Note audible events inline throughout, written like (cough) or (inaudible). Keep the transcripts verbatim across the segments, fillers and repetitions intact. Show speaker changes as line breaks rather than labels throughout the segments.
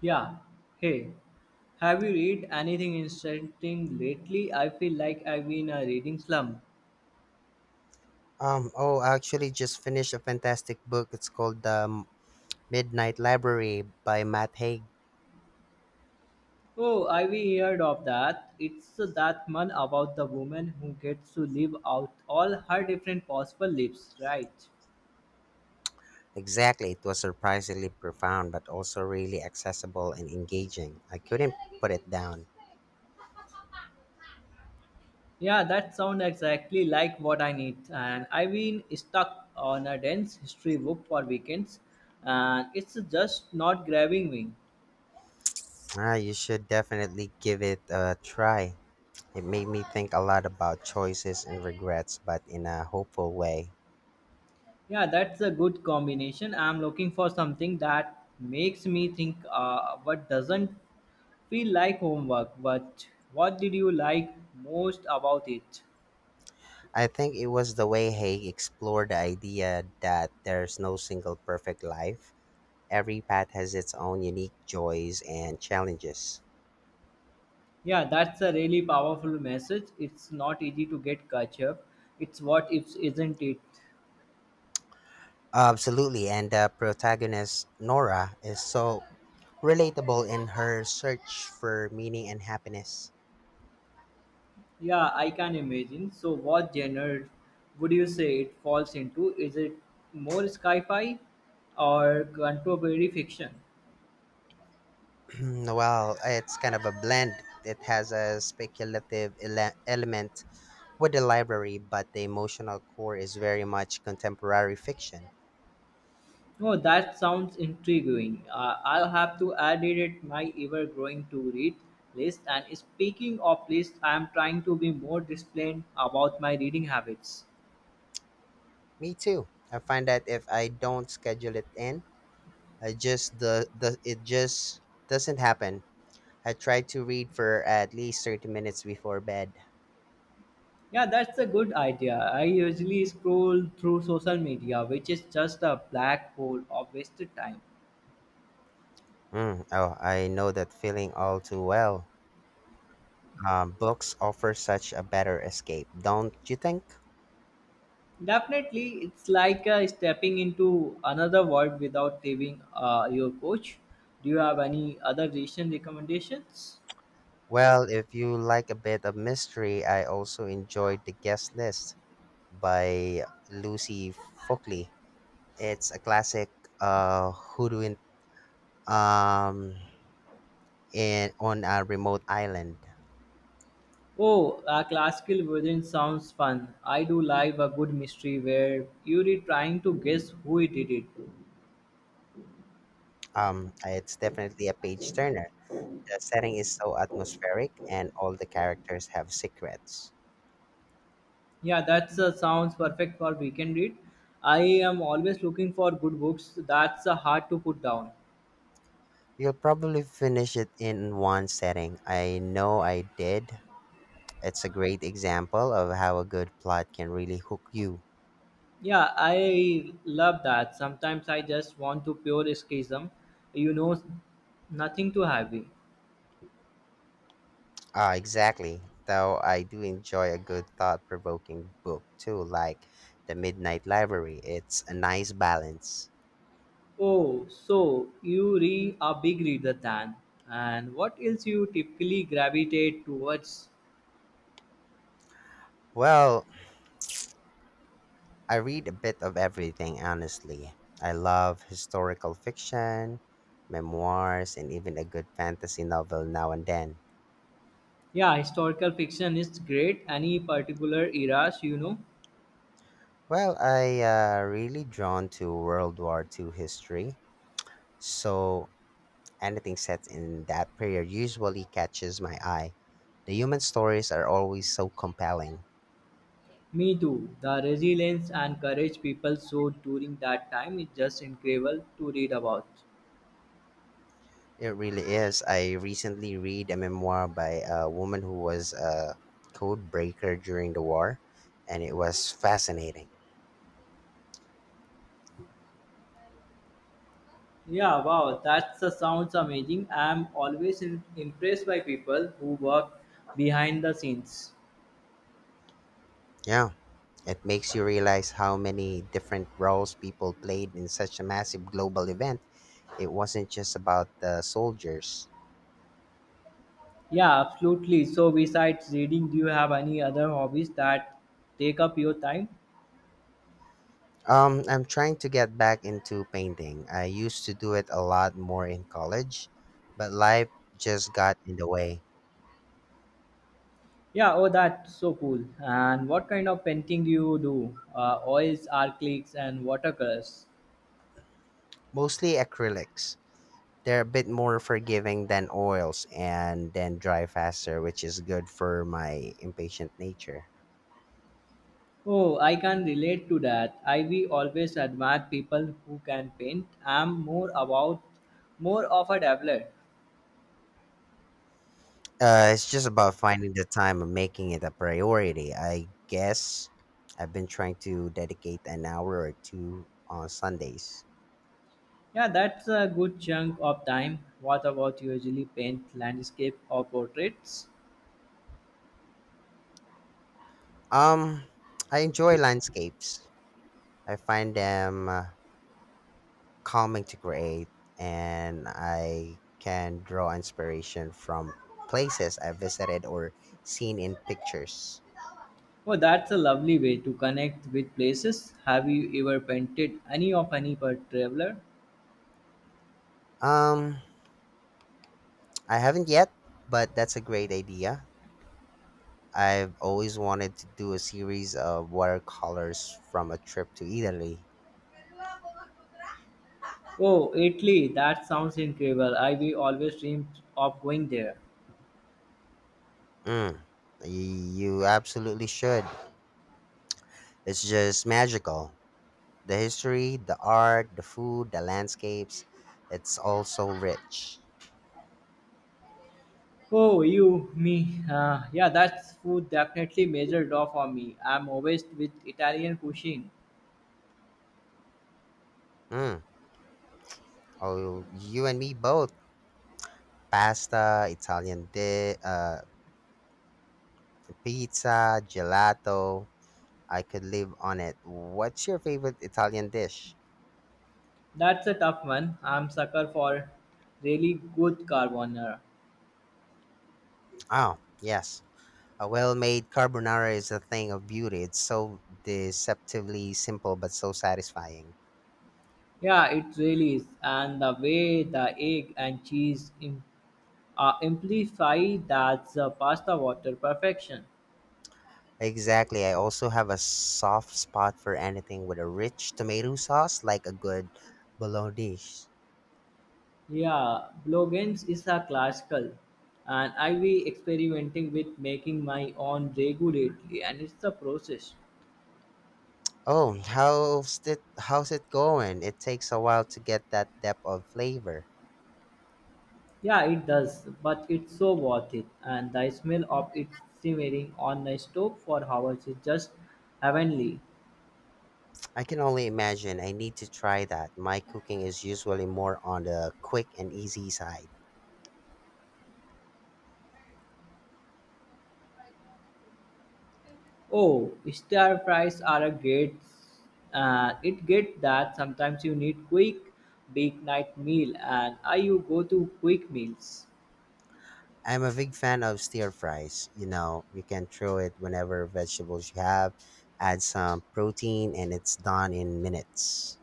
Yeah. Hey, have you read anything interesting lately? I feel like I've been a reading slump.
Um, oh, I actually just finished a fantastic book. It's called The Midnight Library by Matt Haig.
Oh, I've heard of that. It's that one about the woman who gets to live out all her different possible lives, right?
Exactly. It was surprisingly profound, but also really accessible and engaging. I couldn't put it down.
Yeah, that sounds exactly like what I need. And I've been stuck on a dense history book for weekends, and it's just not grabbing me.
Ah, you should definitely give it a try. It made me think a lot about choices and regrets, but in a hopeful way.
Yeah, that's a good combination. I'm looking for something that makes me think, uh, but doesn't feel like homework. But what did you like most about it?
I think it was the way Haig explored the idea that there's no single perfect life. Every path has its own unique joys and challenges.
Yeah, that's a really powerful message. It's not easy to get catch up. It's what ifs, isn't it?
Absolutely, and the protagonist, Nora, is so relatable in her search for meaning and happiness.
Yeah, I can imagine. So, what genre would you say it falls into? Is it more sci fi or contemporary fiction?
(clears throat) Well, it's kind of a blend. It has a speculative ele- element with the library, but the emotional core is very much contemporary fiction.
Oh, that sounds intriguing. Uh, I'll have to add it at my ever-growing to-read list. And speaking of lists, I am trying to be more disciplined about my reading habits.
Me too. I find that if I don't schedule it in, I just the, the it just doesn't happen. I try to read for at least thirty minutes before bed.
Yeah, that's a good idea. I usually scroll through social media, which is just a black hole of wasted time.
Mm, oh, I know that feeling all too well. Um, books offer such a better escape, don't you think?
Definitely, it's like uh, stepping into another world without leaving uh, your coach. Do you have any other recent recommendations?
Well, if you like a bit of mystery, I also enjoyed The Guest List by Lucy Fockley. It's a classic uh hoodwink um in on a remote island.
Oh, a classical version sounds fun. I do like a good mystery where you're trying to guess who it did it.
Um, it's definitely a page turner. The setting is so atmospheric and all the characters have secrets.
Yeah, that uh, sounds perfect for weekend read. I am always looking for good books. That's uh, hard to put down.
You'll probably finish it in one setting. I know I did. It's a great example of how a good plot can really hook you.
Yeah, I love that. Sometimes I just want to pure escapism. You know, nothing too heavy.
Ah, exactly. Though I do enjoy a good thought provoking book too, like The Midnight Library. It's a nice balance.
Oh, so you read a big reader then. And what else you typically gravitate towards?
Well, I read a bit of everything, honestly. I love historical fiction, memoirs, and even a good fantasy novel now and then.
Yeah, historical fiction is great. Any particular eras, you know?
Well, I uh, really drawn to World War Two history, so anything set in that period usually catches my eye. The human stories are always so compelling.
Me too. The resilience and courage people showed during that time is just incredible to read about.
It really is. I recently read a memoir by a woman who was a code breaker during the war, and it was fascinating.
Yeah, wow, that sounds amazing. I'm always in- impressed by people who work behind the scenes.
Yeah, it makes you realize how many different roles people played in such a massive global event. It wasn't just about the soldiers.
Yeah, absolutely. So, besides reading, do you have any other hobbies that take up your time?
Um, I'm trying to get back into painting. I used to do it a lot more in college, but life just got in the way.
Yeah, oh, that's so cool. And what kind of painting do you do? Uh, oils, acrylics, and watercolors.
Mostly acrylics. They're a bit more forgiving than oils and then dry faster, which is good for my impatient nature.
Oh, I can relate to that. I we always admire people who can paint. I'm more about more of a dabbler.
Uh, it's just about finding the time and making it a priority. I guess I've been trying to dedicate an hour or two on Sundays.
Yeah, that's a good chunk of time. What about you? Usually paint landscape or portraits?
Um, I enjoy landscapes. I find them uh, calming to create, and I can draw inspiration from places I've visited or seen in pictures.
Oh, that's a lovely way to connect with places. Have you ever painted any of any particular traveler?
Um, I haven't yet, but that's a great idea. I've always wanted to do a series of watercolors from a trip to Italy.
Oh, Italy, that sounds incredible. I we always dreamed of going there.
Mm, y- you absolutely should. It's just magical. The history, the art, the food, the landscapes, it's all so rich.
Oh, you, me. Uh, yeah, that's food definitely major draw for me. I'm obsessed with Italian cuisine.
Mm. Oh, you and me both. Pasta, Italian di- uh, pizza, gelato. I could live on it. What's your favorite Italian dish?
That's a tough one. I'm sucker for really good carbonara.
Oh, yes. A well made carbonara is a thing of beauty. It's so deceptively simple but so satisfying.
Yeah, it really is. And the way the egg and cheese im- uh, amplify that's uh, pasta water perfection.
Exactly. I also have a soft spot for anything with a rich tomato sauce, like a good bolognese.
Yeah, Blogens is a classical, and I be experimenting with making my own regularly, and it's a process.
Oh, how's it how's it going? It takes a while to get that depth of flavor.
Yeah, it does, but it's so worth it, and the smell of it simmering on the stove for hours is just heavenly.
I can only imagine. I need to try that. My cooking is usually more on the quick and easy side.
Oh, stir fries are a great. Uh, it get that sometimes you need quick weeknight meal, and I you go to quick meals.
I'm a big fan of stir fries. You know, you can throw it whenever vegetables you have, add some protein, and it's done in minutes.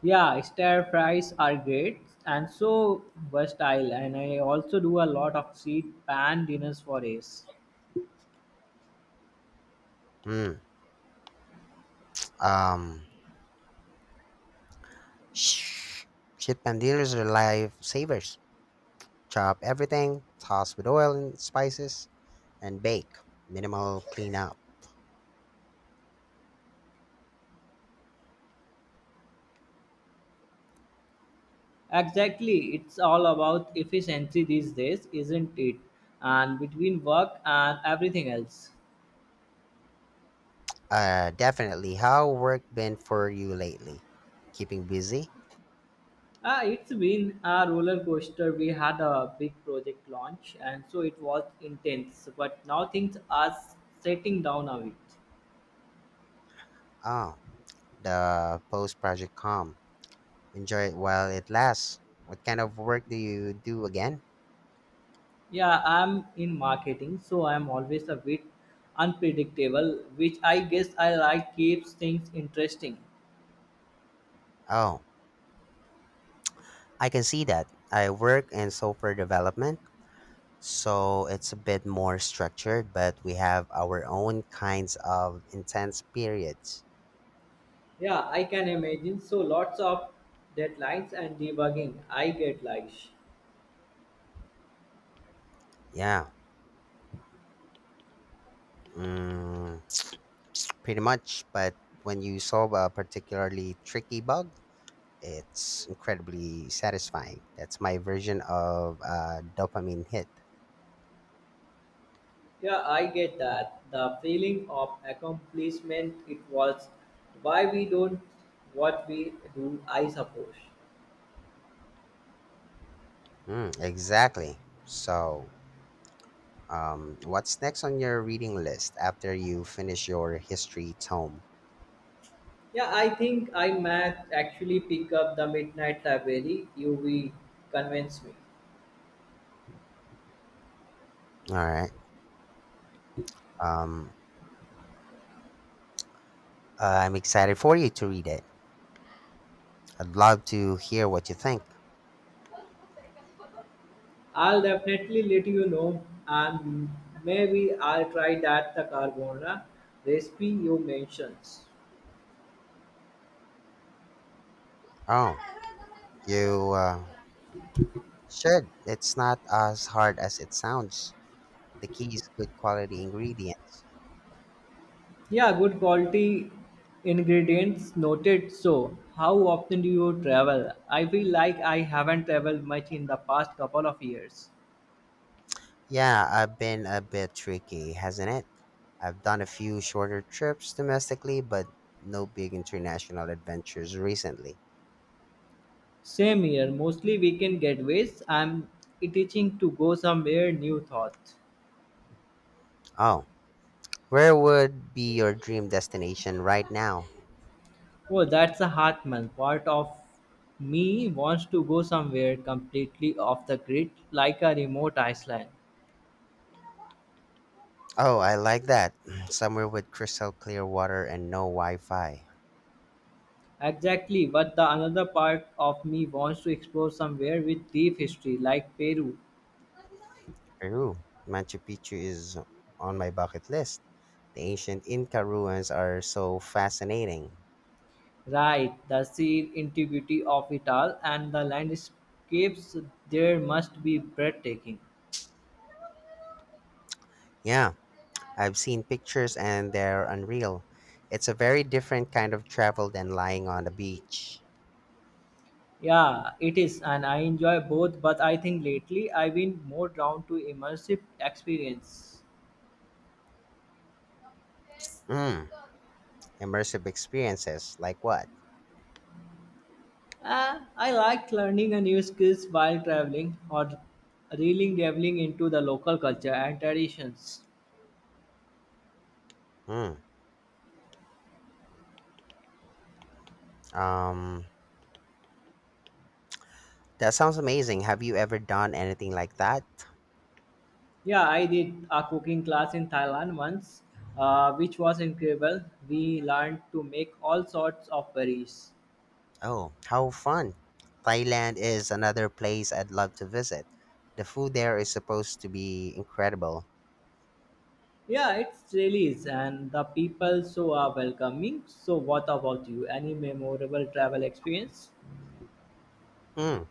Yeah, stir fries are great and so versatile, and I also do a lot of seed pan dinners for Ace.
Mm, um, sh- chip and dealers are life savers. Chop everything, toss with oil and spices, and bake. Minimal cleanup.
Exactly, it's all about efficiency these days, isn't it? And between work and everything else.
Uh, definitely. How work been for you lately? Keeping busy?
Uh, it's been a roller coaster. We had a big project launch, and so it was intense, but now things are setting down a bit.
Ah, the post project calm. Enjoy it while it lasts. What kind of work do you do again?
Yeah, I'm in marketing, so I'm always a bit unpredictable, which I guess I like keeps things interesting.
Oh, I can see that. I work in software development, so it's a bit more structured, but we have our own kinds of intense periods.
Yeah, I can imagine. So lots of deadlines and debugging. I get like, sh-
Yeah, mm, (tsk) pretty much. But when you solve a particularly tricky bug, it's incredibly satisfying. That's my version of a dopamine hit.
yeah, I get that. The feeling of accomplishment it was why we don't what we do, I suppose.
Mm, exactly. So, um, what's next on your reading list after you finish your history tome?
Yeah, I think I might actually pick up the Midnight Library. You will convince me.
All right. Um, uh, I'm excited for you to read it. I'd love to hear what you think.
I'll definitely let you know, and maybe I'll try that the carbonara recipe you mentioned.
Oh, you uh, should. It's not as hard as it sounds. The key is good quality ingredients.
Yeah, good quality ingredients noted. So, how often do you travel? I feel like I haven't traveled much in the past couple of years.
Yeah, I've been a bit tricky, hasn't it? I've done a few shorter trips domestically, but no big international adventures recently.
Same here, mostly weekend getaways. I'm itching to go somewhere new thought.
Oh, where would be your dream destination right now?
Oh, that's a hard month. Part of me wants to go somewhere completely off the grid, like a remote island.
Oh, I like that. (clears throat) Somewhere with crystal clear water and no Wi Fi.
Exactly, but the another part of me wants to explore somewhere with deep history, like Peru.
Peru. Machu Picchu is on my bucket list. The ancient Inca ruins are so fascinating.
Right, the sheer integrity of it all and the landscapes there must be breathtaking.
Yeah, I've seen pictures and they're unreal. It's a very different kind of travel than lying on the beach.
Yeah, it is, and I enjoy both, but I think lately I've been more drawn to immersive experience.
Mm, immersive experiences, like what?
Uh, I liked learning a new skills while traveling or really delving into the local culture and traditions.
Mm, um, that sounds amazing. Have you ever done anything like that?
Yeah, I did a cooking class in Thailand once, uh, which was incredible. We learned to make all sorts of curries.
Oh, how fun! Thailand is another place I'd love to visit. The food there is supposed to be incredible.
Yeah, it's really is, and the people so are welcoming. So, what about you? Any memorable travel experience?
Hmm.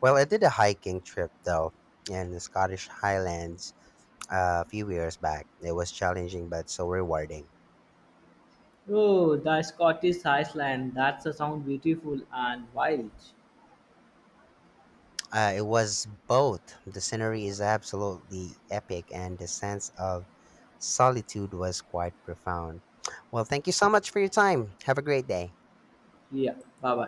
Well, I did a hiking trip though in the Scottish Highlands uh, a few years back. It was challenging but so rewarding.
Oh, the Scottish Island. That's a sound beautiful and wild.
Uh, it was both. The scenery is absolutely epic, and the sense of solitude was quite profound. Well, thank you so much for your time. Have a great day.
Yeah, bye bye.